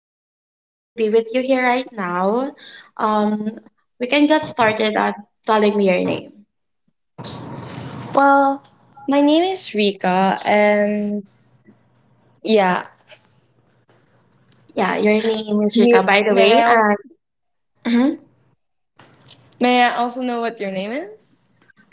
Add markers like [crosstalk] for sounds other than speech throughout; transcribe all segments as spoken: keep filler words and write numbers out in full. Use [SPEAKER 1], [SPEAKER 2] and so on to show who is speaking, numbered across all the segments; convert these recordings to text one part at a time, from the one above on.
[SPEAKER 1] nice to be with you here right now. Um, we can get started at telling me your name.
[SPEAKER 2] Well, my name is Rika, and yeah,
[SPEAKER 1] Yeah, your name is Rika,
[SPEAKER 2] you
[SPEAKER 1] by the
[SPEAKER 2] may I
[SPEAKER 1] way.
[SPEAKER 2] al-
[SPEAKER 1] Um, mhm.
[SPEAKER 2] may I also know what your name is?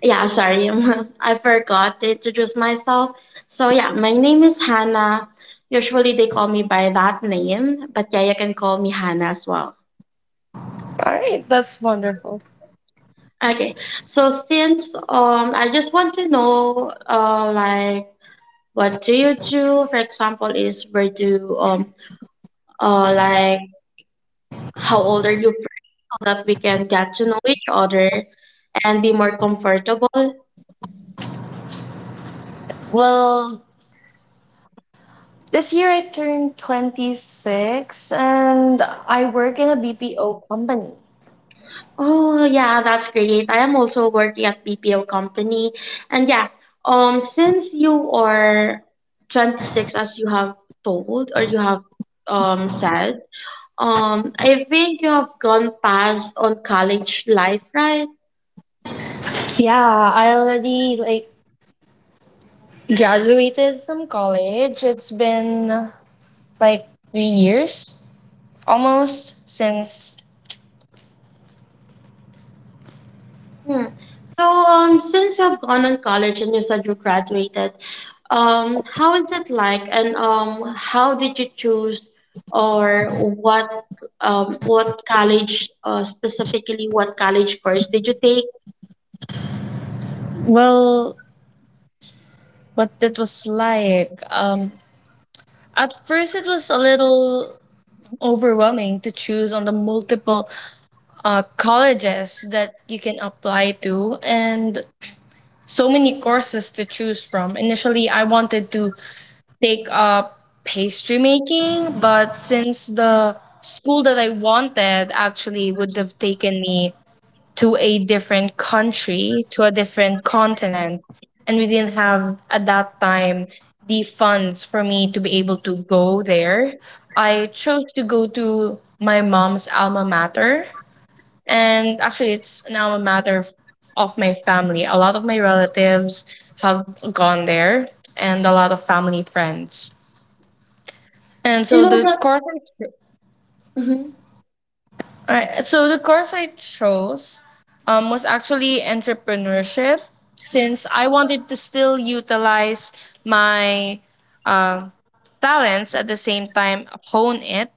[SPEAKER 1] Yeah, sorry, [laughs] I forgot to introduce myself. So yeah, my name is Hannah. Usually they call me by that name, but yeah, you can call me Hannah as well.
[SPEAKER 2] All right, that's wonderful.
[SPEAKER 1] Okay, so since um, I just want to know uh like, what do you do? For example, is where do um uh, like, how old are you first so that we can get to know each other and be more comfortable.
[SPEAKER 2] Well, this year I turned twenty-six and I work in a B P O company.
[SPEAKER 1] Oh yeah, that's great. I am also working at B P O company. And yeah, um since you are twenty-six, as you have told or you have um said, um I think you have gone past on college life, right?
[SPEAKER 2] Yeah, I already like graduated from college. It's been uh, like three years almost since
[SPEAKER 1] Hmm. So, um, since you've gone on college and you said you graduated, um, how is it like, and um, how did you choose, or what, um, what college, uh, specifically, what college course did you take?
[SPEAKER 2] well, what it was like. Um at first it was a little overwhelming to choose on the multiple uh, colleges that you can apply to and so many courses to choose from. Initially, I wanted to take up pastry making, but since the school that I wanted actually would have taken me to a different country, to a different continent. And we didn't have at that time the funds for me to be able to go there. I chose to go to my mom's alma mater. And actually, it's an alma mater f- of my family. A lot of my relatives have gone there and a lot of family friends. And
[SPEAKER 1] You
[SPEAKER 2] so
[SPEAKER 1] know
[SPEAKER 2] the
[SPEAKER 1] that.
[SPEAKER 2] course
[SPEAKER 1] Mhm.
[SPEAKER 2] Alright, so the course I chose um, was actually entrepreneurship since I wanted to still utilize my um, talents at the same time hone it.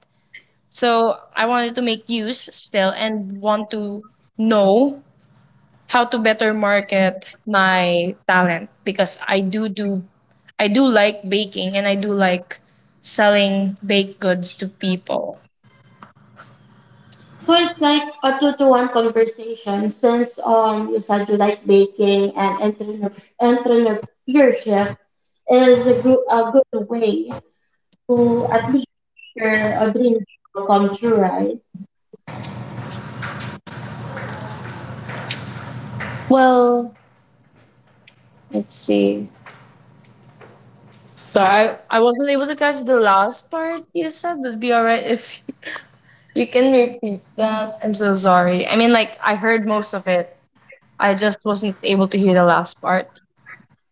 [SPEAKER 2] So I wanted to make use still and want to know how to better market my talent because I do do I do like baking and I do like selling baked goods to people.
[SPEAKER 1] So it's like a two-to-one conversation since um you said you like baking, and entrepreneur- entrepreneurship is a, gro- a good way to at least make your uh, dream job come true, right?
[SPEAKER 2] Well, let's see. So I, I wasn't able to catch the last part you said. Would be alright if [laughs] you can repeat that. I'm so sorry. I mean, like I heard most of it. I just wasn't able to hear the last part.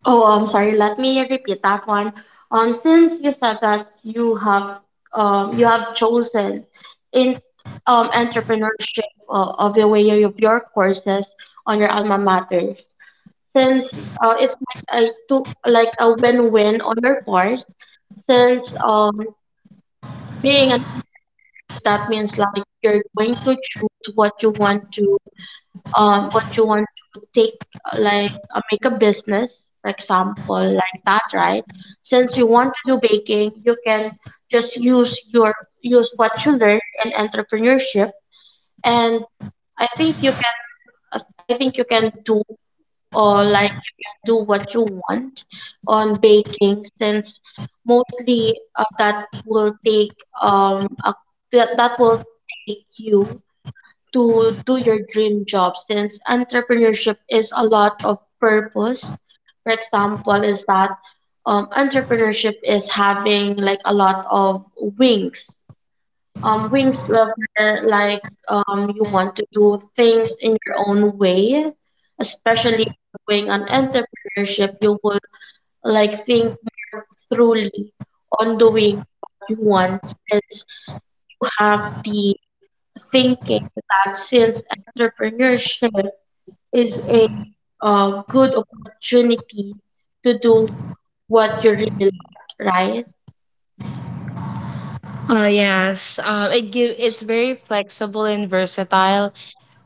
[SPEAKER 1] Oh, I'm sorry. Let me repeat that one. Um, since you said that you have um you have chosen in um entrepreneurship, uh, of the way of your courses on your alma maters. Since uh, it's like a two, like a win-win on your part. Since um being an entrepreneurship, that means like you're going to choose what you want to, um, what you want to take, uh, like, uh, make a business, for example, like that, right? Since you want to do baking, you can just use your, use what you learn in entrepreneurship, and I think you can, I think you can do, or like, you can do what you want on baking, since mostly uh, that will take um a, that, that will take you to do your dream job, since entrepreneurship is a lot of purpose. For example, is that um, entrepreneurship is having like a lot of wings. Um, wings lover, like, um, you want to do things in your own way, especially on doing an entrepreneurship. You will like think more truly on doing what you want, since you have the thinking that, since entrepreneurship is a uh, good opportunity to do what you really like, right?
[SPEAKER 2] Uh, yes. Um, it give it's very flexible and versatile,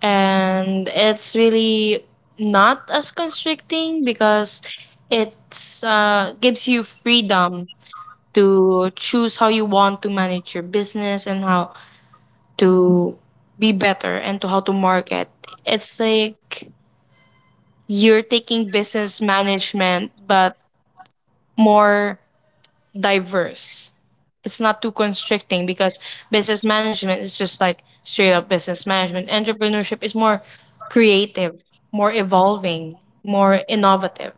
[SPEAKER 2] and it's really not as constricting because it's uh gives you freedom to choose how you want to manage your business and how to be better and to how to market. It's like you're taking business management, but more diverse. It's not too constricting because business management is just like straight up business management. Entrepreneurship is more creative, more evolving, more innovative.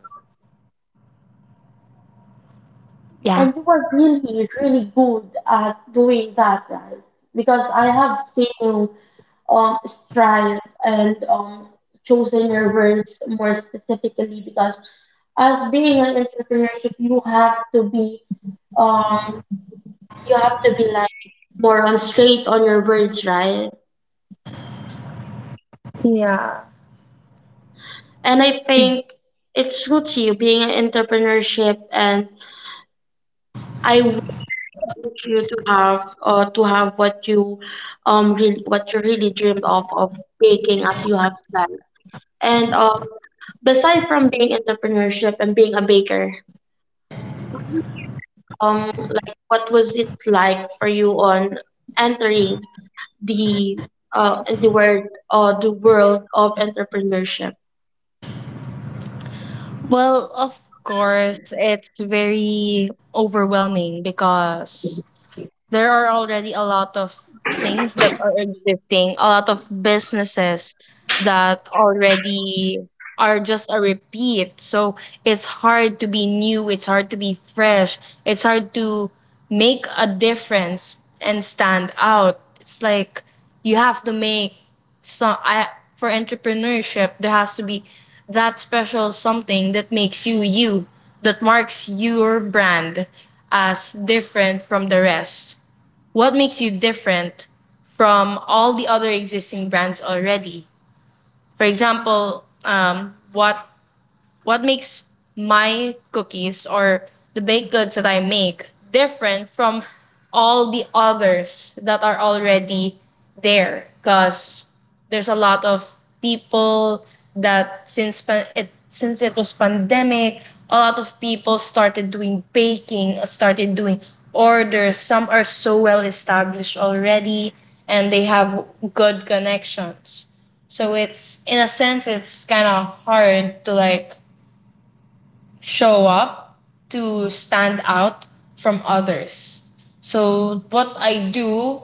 [SPEAKER 2] Yeah.
[SPEAKER 1] And you are really, really good at doing that, right? Because I have seen you um, strive and um, chosen your words more specifically, because as being an entrepreneurship, you have to be um, you have to be like more on straight on your words, right?
[SPEAKER 2] Yeah.
[SPEAKER 1] And I think it suits you being an entrepreneurship, and I wish I really wish you to have, uh, to have what you um really what you really dreamed of of baking as you have said. And um beside from being entrepreneurship and being a baker, What was your um like what was it like for you on entering the uh the word uh the world of entrepreneurship?
[SPEAKER 2] Well, of course, it's very overwhelming because there are already a lot of things that are existing, a lot of businesses that already are just a repeat. So it's hard to be new, it's hard to be fresh, it's hard to make a difference and stand out. It's like you have to make some I for entrepreneurship, there has to be that special something that makes you you, that marks your brand as different from the rest. What makes you different from all the other existing brands already? For example, um, what what makes my cookies or the baked goods that I make different from all the others that are already there? Because there's a lot of people that since pan- it since it was pandemic, a lot of people started doing baking, started doing orders. Some are so well established already and they have good connections, so it's in a sense it's kind of hard to like show up, to stand out from others. So what I do,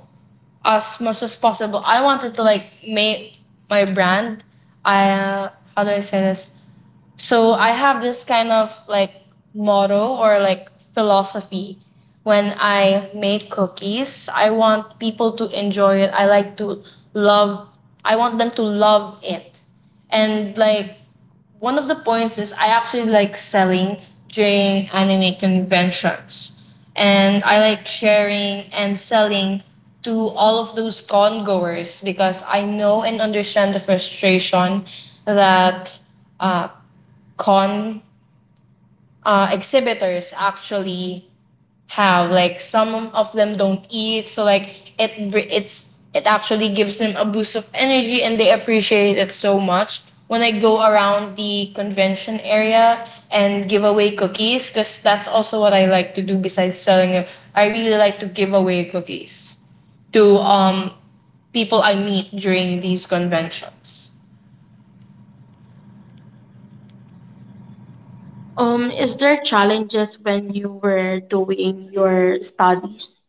[SPEAKER 2] as much as possible, I wanted to like make my brand. I uh, How do I say this? So I have this kind of like motto or like philosophy. When I make cookies, I want people to enjoy it. I like to love, I want them to love it. And like one of the points is I actually like selling during anime conventions. And I like sharing and selling to all of those con goers because I know and understand the frustration that uh, con uh, exhibitors actually have. Like, some of them don't eat, so like it it's, it actually gives them a boost of energy and they appreciate it so much when I go around the convention area and give away cookies, because that's also what I like to do besides selling them. I really like to give away cookies to um people I meet during these conventions.
[SPEAKER 1] Um, is there challenges when you were doing your studies?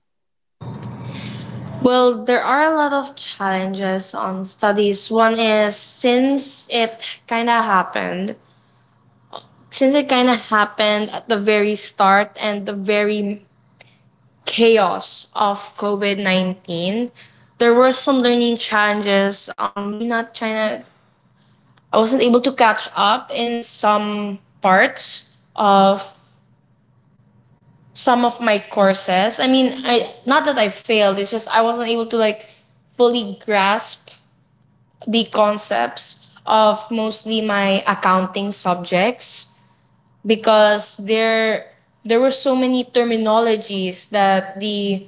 [SPEAKER 2] Well, there are a lot of challenges on studies. One is, since it kind of happened, since it kind of happened at the very start and the very chaos of COVID nineteen, there were some learning challenges on me not trying to, I wasn't able to catch up in some parts of some of my courses. I mean, I not that I failed, it's just I wasn't able to like fully grasp the concepts of mostly my accounting subjects because there there were so many terminologies that the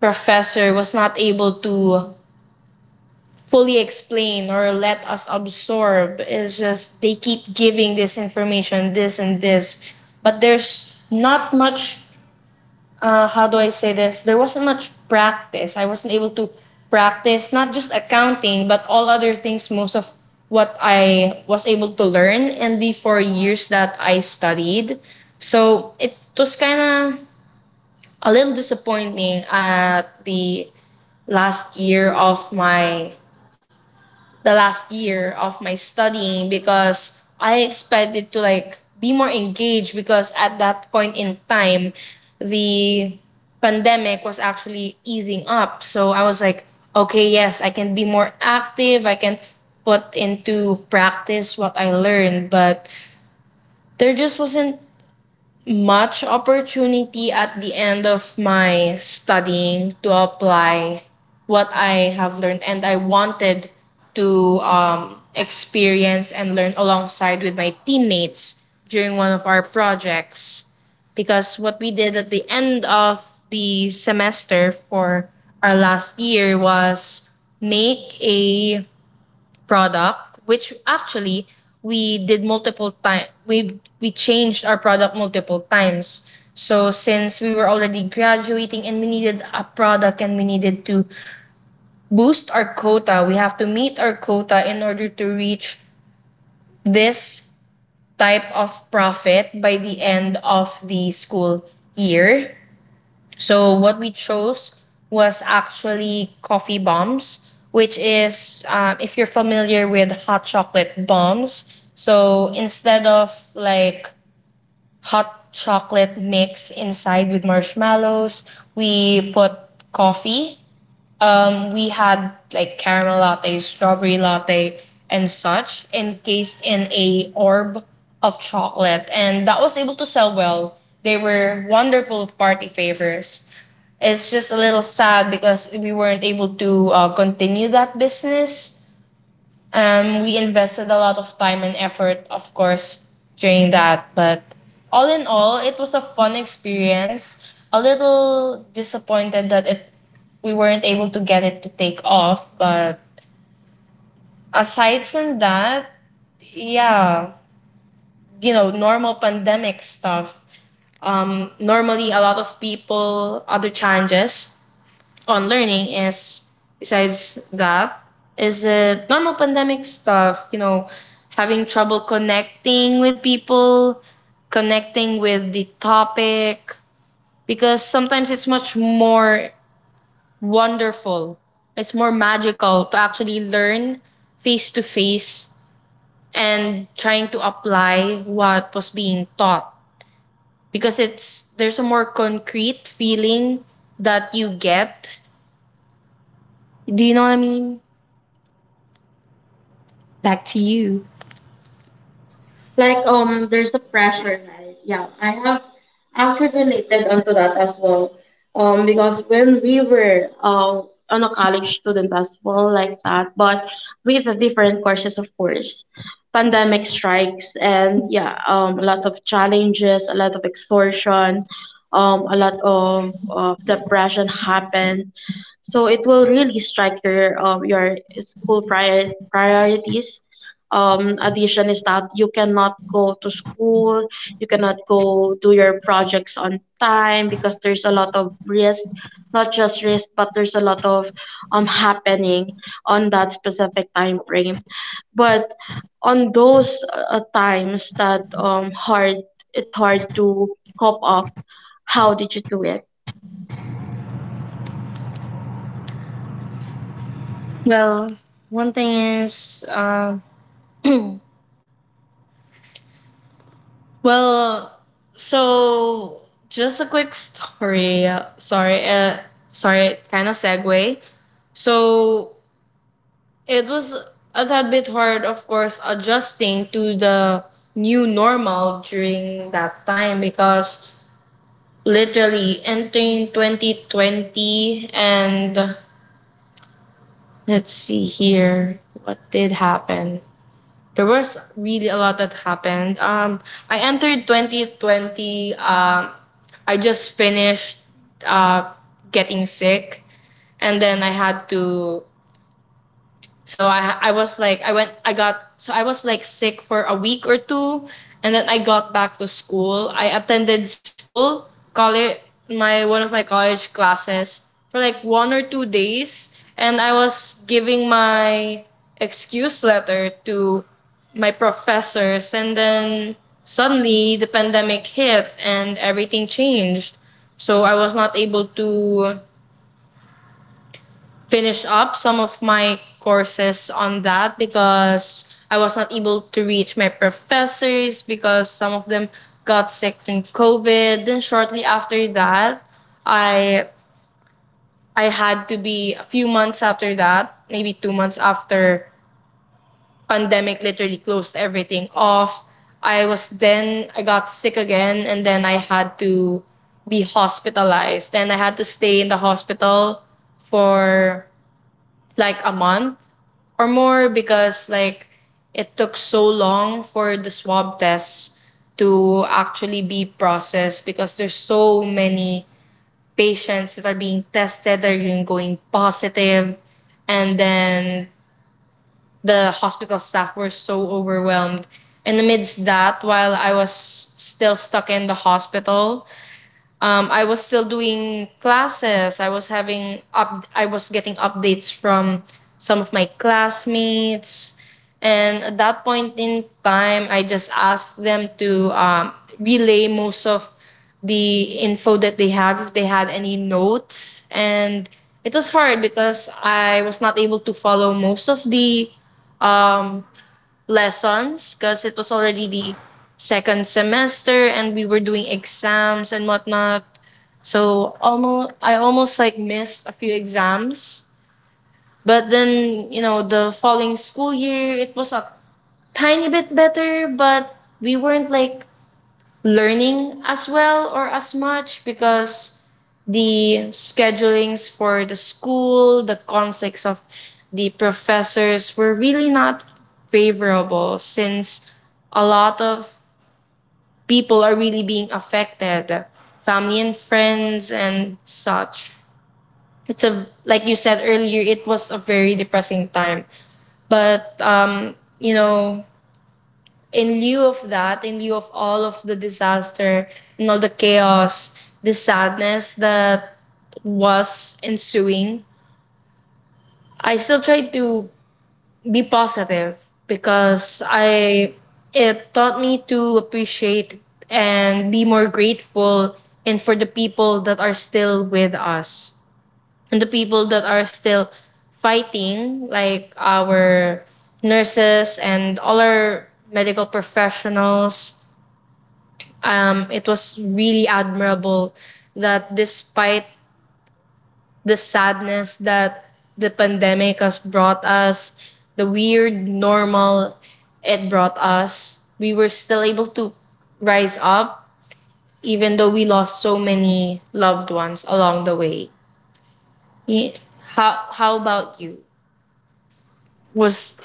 [SPEAKER 2] professor was not able to fully explain or let us absorb. It's just they keep giving this information, this and this, but there's not much uh, how do I say this? There wasn't much practice. I wasn't able to practice not just accounting, but all other things. Most of what I was able to learn in the four years that I studied. So it was kind of a little disappointing at the last year of my the last year of my studying because I expected to like be more engaged because at that point in time the pandemic was actually easing up. So I was like, okay, yes, I can be more active. I can put into practice what I learned, but there just wasn't much opportunity at the end of my studying to apply what I have learned, and I wanted to um, experience and learn alongside with my teammates during one of our projects. Because what we did at the end of the semester for our last year was make a product, which actually we did multiple time. We we changed our product multiple times. So since we were already graduating and we needed a product and we needed to boost our quota, we have to meet our quota in order to reach this type of profit by the end of the school year. So what we chose was actually coffee bombs, which is, um, if you're familiar with hot chocolate bombs. So instead of like hot chocolate mix inside with marshmallows, we put coffee. Um, we had like caramel latte, strawberry latte, and such encased in a orb of chocolate, and that was able to sell well. They were wonderful party favors. It's just a little sad because we weren't able to uh, continue that business. Um, we invested a lot of time and effort, of course, during that. But all in all, it was a fun experience. A little disappointed that it we weren't able to get it to take off. But aside from that, yeah, you know, normal pandemic stuff. Um, normally, a lot of people, other challenges on learning is, besides that, is the normal pandemic stuff, you know, having trouble connecting with people, connecting with the topic, because sometimes it's much more wonderful, it's more magical to actually learn face to face and trying to apply what was being taught, because it's there's a more concrete feeling that you get. Do you know what I mean? Back to you.
[SPEAKER 1] Like, um there's a pressure, right? Yeah, I have actually related onto that as well. Um because when we were, uh on a college student as well like that, but with the different courses, of course, pandemic strikes, and yeah, um a lot of challenges, a lot of extortion, um a lot of uh, depression happened. So it will really strike your, um, your school prior- priorities. Um, addition is that you cannot go to school, you cannot go do your projects on time because there's a lot of risk, not just risk, but there's a lot of um happening on that specific time frame. But on those uh, times that um hard, it's hard to cope up. How did you do it?
[SPEAKER 2] Well, one thing is, um, well, so just a quick story. uh, Sorry, uh, sorry, kind of segue. So it was a tad bit hard, of course, adjusting to the new normal during that time because literally entering twenty twenty and let's see here what did happen. There was really a lot that happened. Um, I entered twenty twenty. Um, I just finished uh, getting sick, and then I had to, so I I was like I went I got so I was like sick for a week or two, and then I got back to school. I attended school, college, my one of my college classes for like one or two days, and I was giving my excuse letter to my professors, and then suddenly the pandemic hit and everything changed. So I was not able to finish up some of my courses on that because I was not able to reach my professors because some of them got sick from COVID. Then shortly after that, I I had to be a few months after that, maybe two months after, pandemic literally closed everything off. I was then I got sick again and then I had to be hospitalized and I had to stay in the hospital for like a month or more because like it took so long for the swab tests to actually be processed because there's so many patients that are being tested that are going positive, and then the hospital staff were so overwhelmed. And amidst that, while I was still stuck in the hospital, um, I was still doing classes. I was having up. I was getting updates from some of my classmates, and at that point in time, I just asked them to um, relay most of the info that they have if they had any notes. And it was hard because I was not able to follow most of the um, lessons because it was already the second semester and we were doing exams and whatnot. So almost I almost like missed a few exams. But then, you know, the following school year it was a tiny bit better, but we weren't like learning as well or as much because the schedulings for the school, the conflicts of the professors were really not favorable since a lot of people are really being affected, family and friends and such. It's a Like you said earlier, it was a very depressing time. But um, you know, in lieu of that, in lieu of all of the disaster and all the chaos, the sadness that was ensuing, I still tried to be positive because I it taught me to appreciate and be more grateful and for the people that are still with us and the people that are still fighting, like our nurses and all our medical professionals. Um, it was really admirable that despite the sadness that the pandemic has brought us, the weird normal it brought us, we were still able to rise up even though we lost so many loved ones along the way. Y- How how about you? Was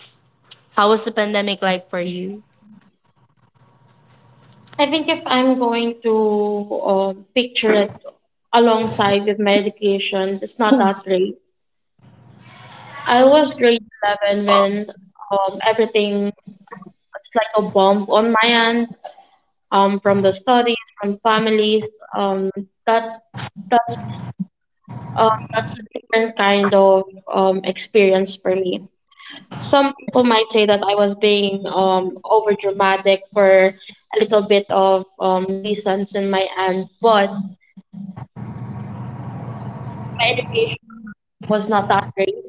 [SPEAKER 2] How was the pandemic like for you?
[SPEAKER 1] I think if I'm going to uh, picture it alongside with my educations, it's not that great. I was grade eleven when, um, everything, it's like a bomb on my end, um, from the studies, from families. Um, that that's um, that's a different kind of um, experience for me. Some people might say that I was being um, over dramatic for a little bit of um, nuisance in my end, but my education on that time was not that great.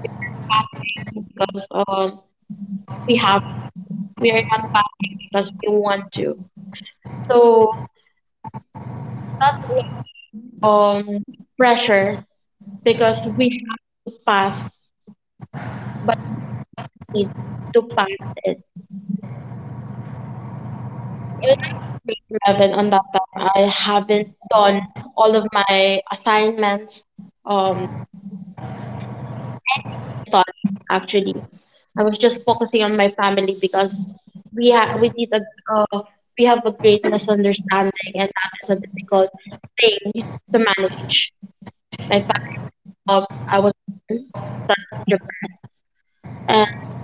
[SPEAKER 1] We were passing because, uh, we have to. We are not passing because we want to. So that's a lot of um, pressure, because we have to pass, but we don't need to pass it. When I was grade eleven on that time, I haven't done all of my assignments. Um, any of my studies, actually. I was just focusing on my family, because we ha- we did a uh, we have a great misunderstanding, and that is a difficult thing to manage. My family broke up. I was alone. That got repressed, and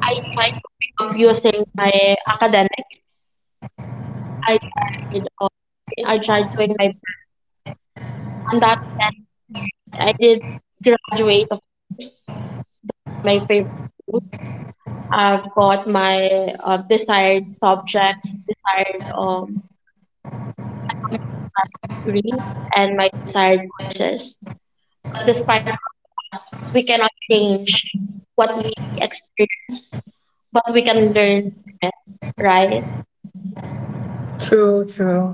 [SPEAKER 1] I tried coping up using my academics. I tried um be- I tried doing my best. On that best part, I did graduate, of course, down on my favorite school. I've got my uh, desired subjects, desired, um, I got my desired degree and my desired courses. But despite all of that, we cannot change what we experience, but we can learn from it, right?
[SPEAKER 2] True, true.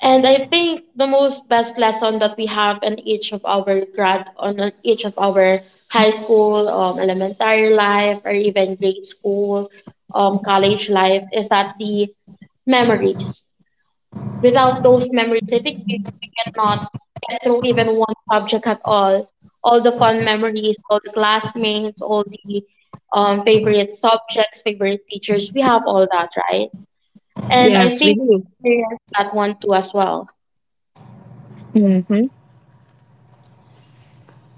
[SPEAKER 1] And I think the most best lesson that we have in each of our grad on on each of our high school, um, elementary life, or even grade school, um, college life is that the memories. Without those memories, I think we, we cannot get through even one subject at all. All the fun memories, all the classmates, all the um, favorite subjects, favorite teachers, we have all that, right? And I
[SPEAKER 2] Yes, we
[SPEAKER 1] think we
[SPEAKER 2] do.
[SPEAKER 1] experienced that one too as well.
[SPEAKER 2] Mm-hmm.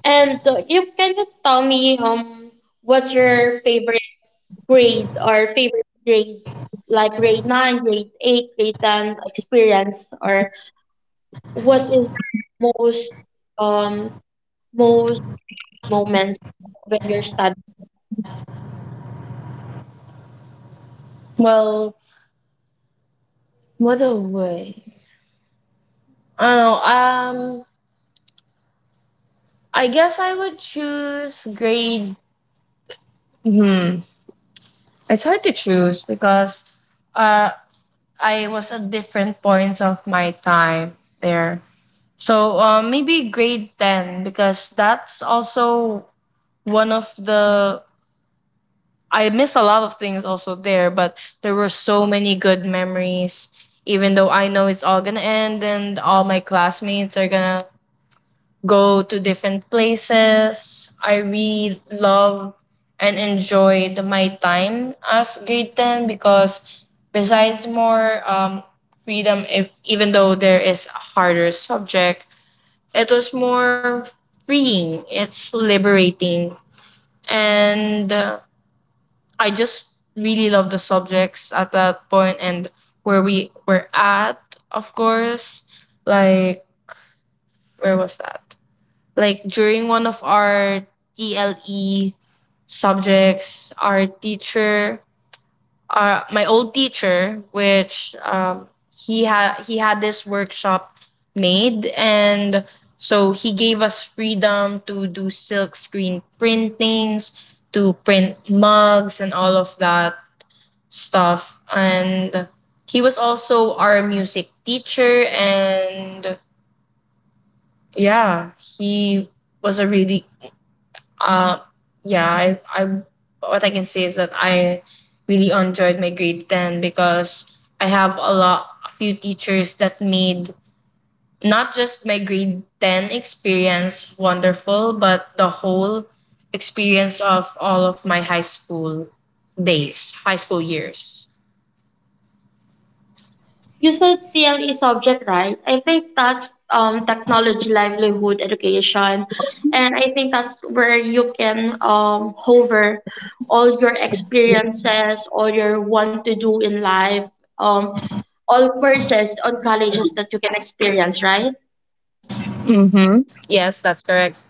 [SPEAKER 1] And uh, you can you tell me, um what's your favorite grade, or favorite grade like grade nine, grade eight, grade ten experience, or what is your most um most happy moments when you're studying?
[SPEAKER 2] Well, what a way. I don't know. Um, I guess I would choose grade. Hmm. It's hard to choose because uh, I was at different points of my time there. So uh, maybe grade ten, because that's also one of the. I missed a lot of things also there, but there were so many good memories. Even though I know it's all gonna end and all my classmates are gonna go to different places, I really love and enjoyed my time as grade ten because besides more um, freedom, if, even though there is a harder subject, it was more freeing. It's liberating. And uh, I just really love the subjects at that point and where we were at, of course. Like, where was that? Like during one of our T L E subjects, our teacher, our my old teacher, which um, he had he had this workshop made, and so he gave us freedom to do silk screen printings, to print mugs, and all of that stuff. And he was also our music teacher, and yeah, he was a really Uh, yeah, I, I what I can say is that I really enjoyed my grade ten because I have a lot a few teachers that made not just my grade ten experience wonderful but the whole experience of all of my high school days, high school years.
[SPEAKER 1] User theory is subject, right? I think that's um technology, livelihood, education, and I think that's where you can um hover all your experiences, all your want to do in life, um, all courses on colleges that you can experience, right?
[SPEAKER 2] Mm-hmm. Yes, that's correct.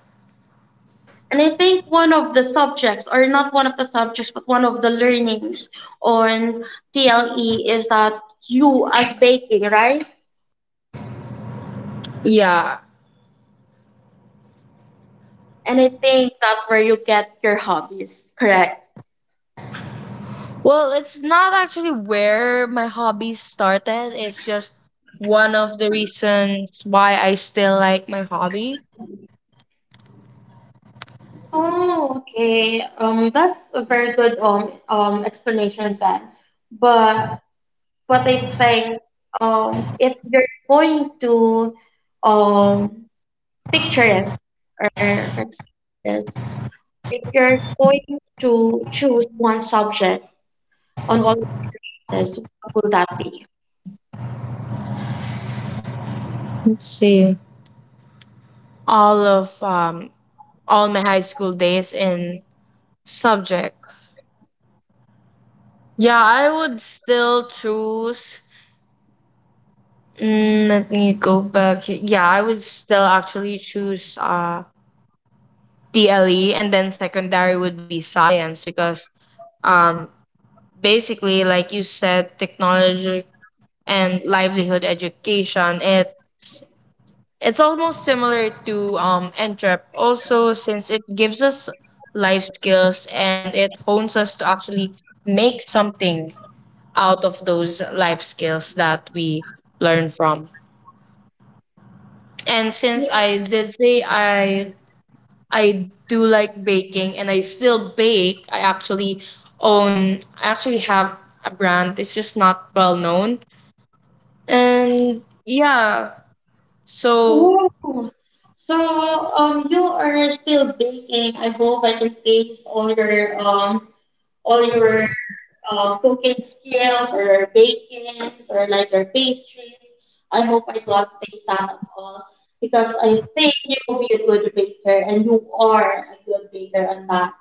[SPEAKER 1] And I think one of the subjects, or not one of the subjects, but one of the learnings on T L E is that you, as baking, right?
[SPEAKER 2] Yeah.
[SPEAKER 1] And I think that's where you get your hobbies, correct?
[SPEAKER 2] Well, it's not actually where my hobby started. It's just one of the reasons why I still like my hobby.
[SPEAKER 1] Oh, okay. Um, that's a very good um um explanation then. But but I think, um if you're going to um picture it, or for example is, if you're going to choose one subject on all of your classes, what will that be?
[SPEAKER 2] Let's see. All of um all my high school days in subject. Yeah, I would still choose, mm, let me go back here. Yeah, I would still actually choose uh T L E, and then secondary would be science because um basically, like you said, technology and livelihood education. It's it's almost similar to um entrep also, since it gives us life skills and it hones us to actually make something out of those life skills that we learn from. And since I did say I I do like baking and I still bake, I actually own I actually have a brand. It's just not well known. And yeah, so
[SPEAKER 1] Oh. So, um, you are still baking. I hope I can taste all your um all your uh, cooking skills, or bakings, or like your pastries. I hope I got to taste some of all, because I think you will be a good baker, and you are a good baker on that.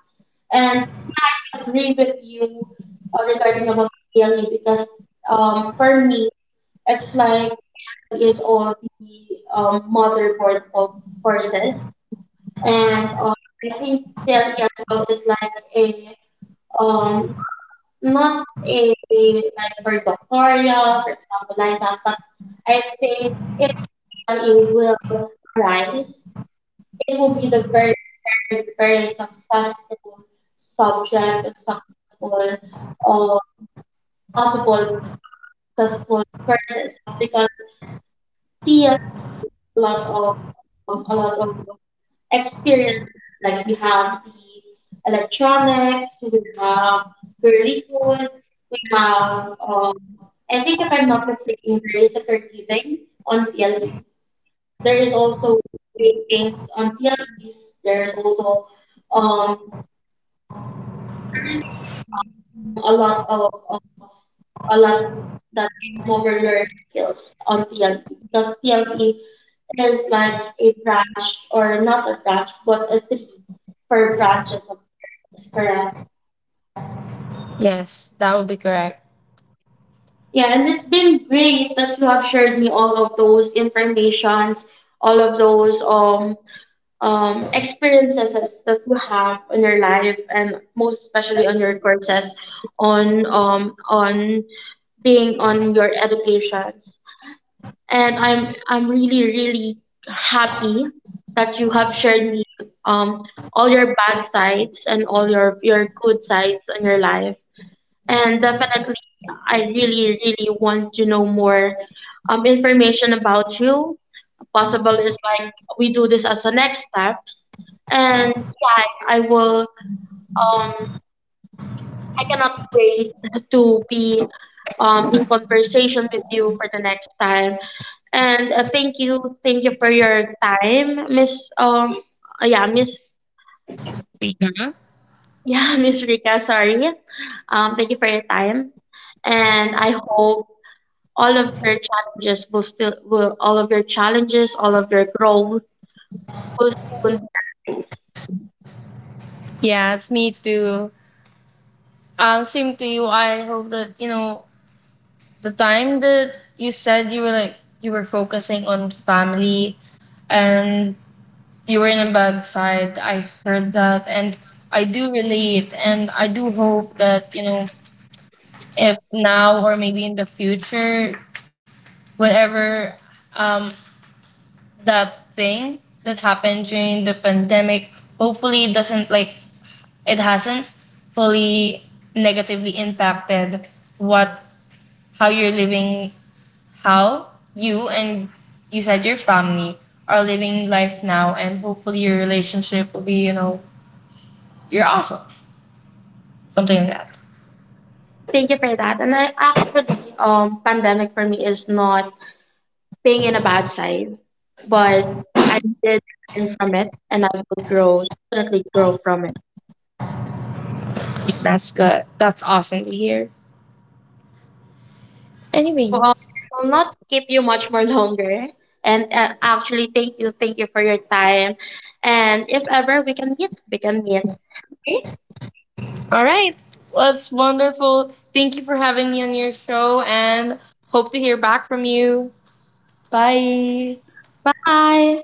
[SPEAKER 1] And yeah, I agree with you, uh, regarding about the P L E, because, um, for me, it's like P L E is all the um, motherboard of courses. And um, I think therapy as well is like a um not not a, like for doctoral, for example, like that. But I think if P L E will arise, it will be the very, very, very successful subject, a successful um possible uh, successful courses, because T L E holds a lot of, um, a lot of experiences. Like, we have the electronics, we have girlyhood, we have, um, I think if I'm not mistaken, there is a caregiving on P L E. There is also bakings on P L Es. There's also um, a really really lot um a lot of um, a lot that can hover your skills on T L E, because T L E is like a branch, or not a branch but a tree for branches of courses, correct?
[SPEAKER 2] Yes, that would be correct.
[SPEAKER 1] Yeah, and it's been great that you have shared me all of those informations, all of those um um experiences that you have in your life, and most especially on your courses, on um on being on your educations. And I'm I'm really, really happy that you have shared me um all your bad sides and all your your good sides in your life. And definitely, I really, really want to know more um information about you. Possible is like we do this as a next steps, and yeah, I, I will um I cannot wait to be, um, in conversation with you for the next time. And uh, thank you, thank you for your time, Miss. Um, uh, yeah, Miss.
[SPEAKER 2] Rika?
[SPEAKER 1] Yeah, [laughs] Miss Rika. Sorry. Um, thank you for your time, and I hope all of your challenges will still will all of your challenges, all of your growth will soon be arise.
[SPEAKER 2] Yes, me too. Um, same to you. I hope that, you know, the time that you said you were, like, you were focusing on family, and you were in a bad side, I heard that, and I do relate, and I do hope that, you know, if now or maybe in the future, whatever um that thing that happened during the pandemic, hopefully it doesn't like it hasn't fully negatively impacted what how you're living, how you and you said your family are living life now, and hopefully your relationship will be, you know, you're awesome, something like that.
[SPEAKER 1] Thank you for that. And I actually, um, pandemic for me is not being in a bad side, but I did learn from it, and I will grow, definitely grow from it.
[SPEAKER 2] That's good. That's awesome to hear.
[SPEAKER 1] So um,
[SPEAKER 2] Anyways,
[SPEAKER 1] I will not keep you much more [laughs] longer. And uh, actually, thank you, thank you for your time. And if ever we can meet, we can meet. Okay.
[SPEAKER 2] all right, that's wonderful. Thank you for having me on your show, and hope to hear back from you. Bye.
[SPEAKER 1] Bye.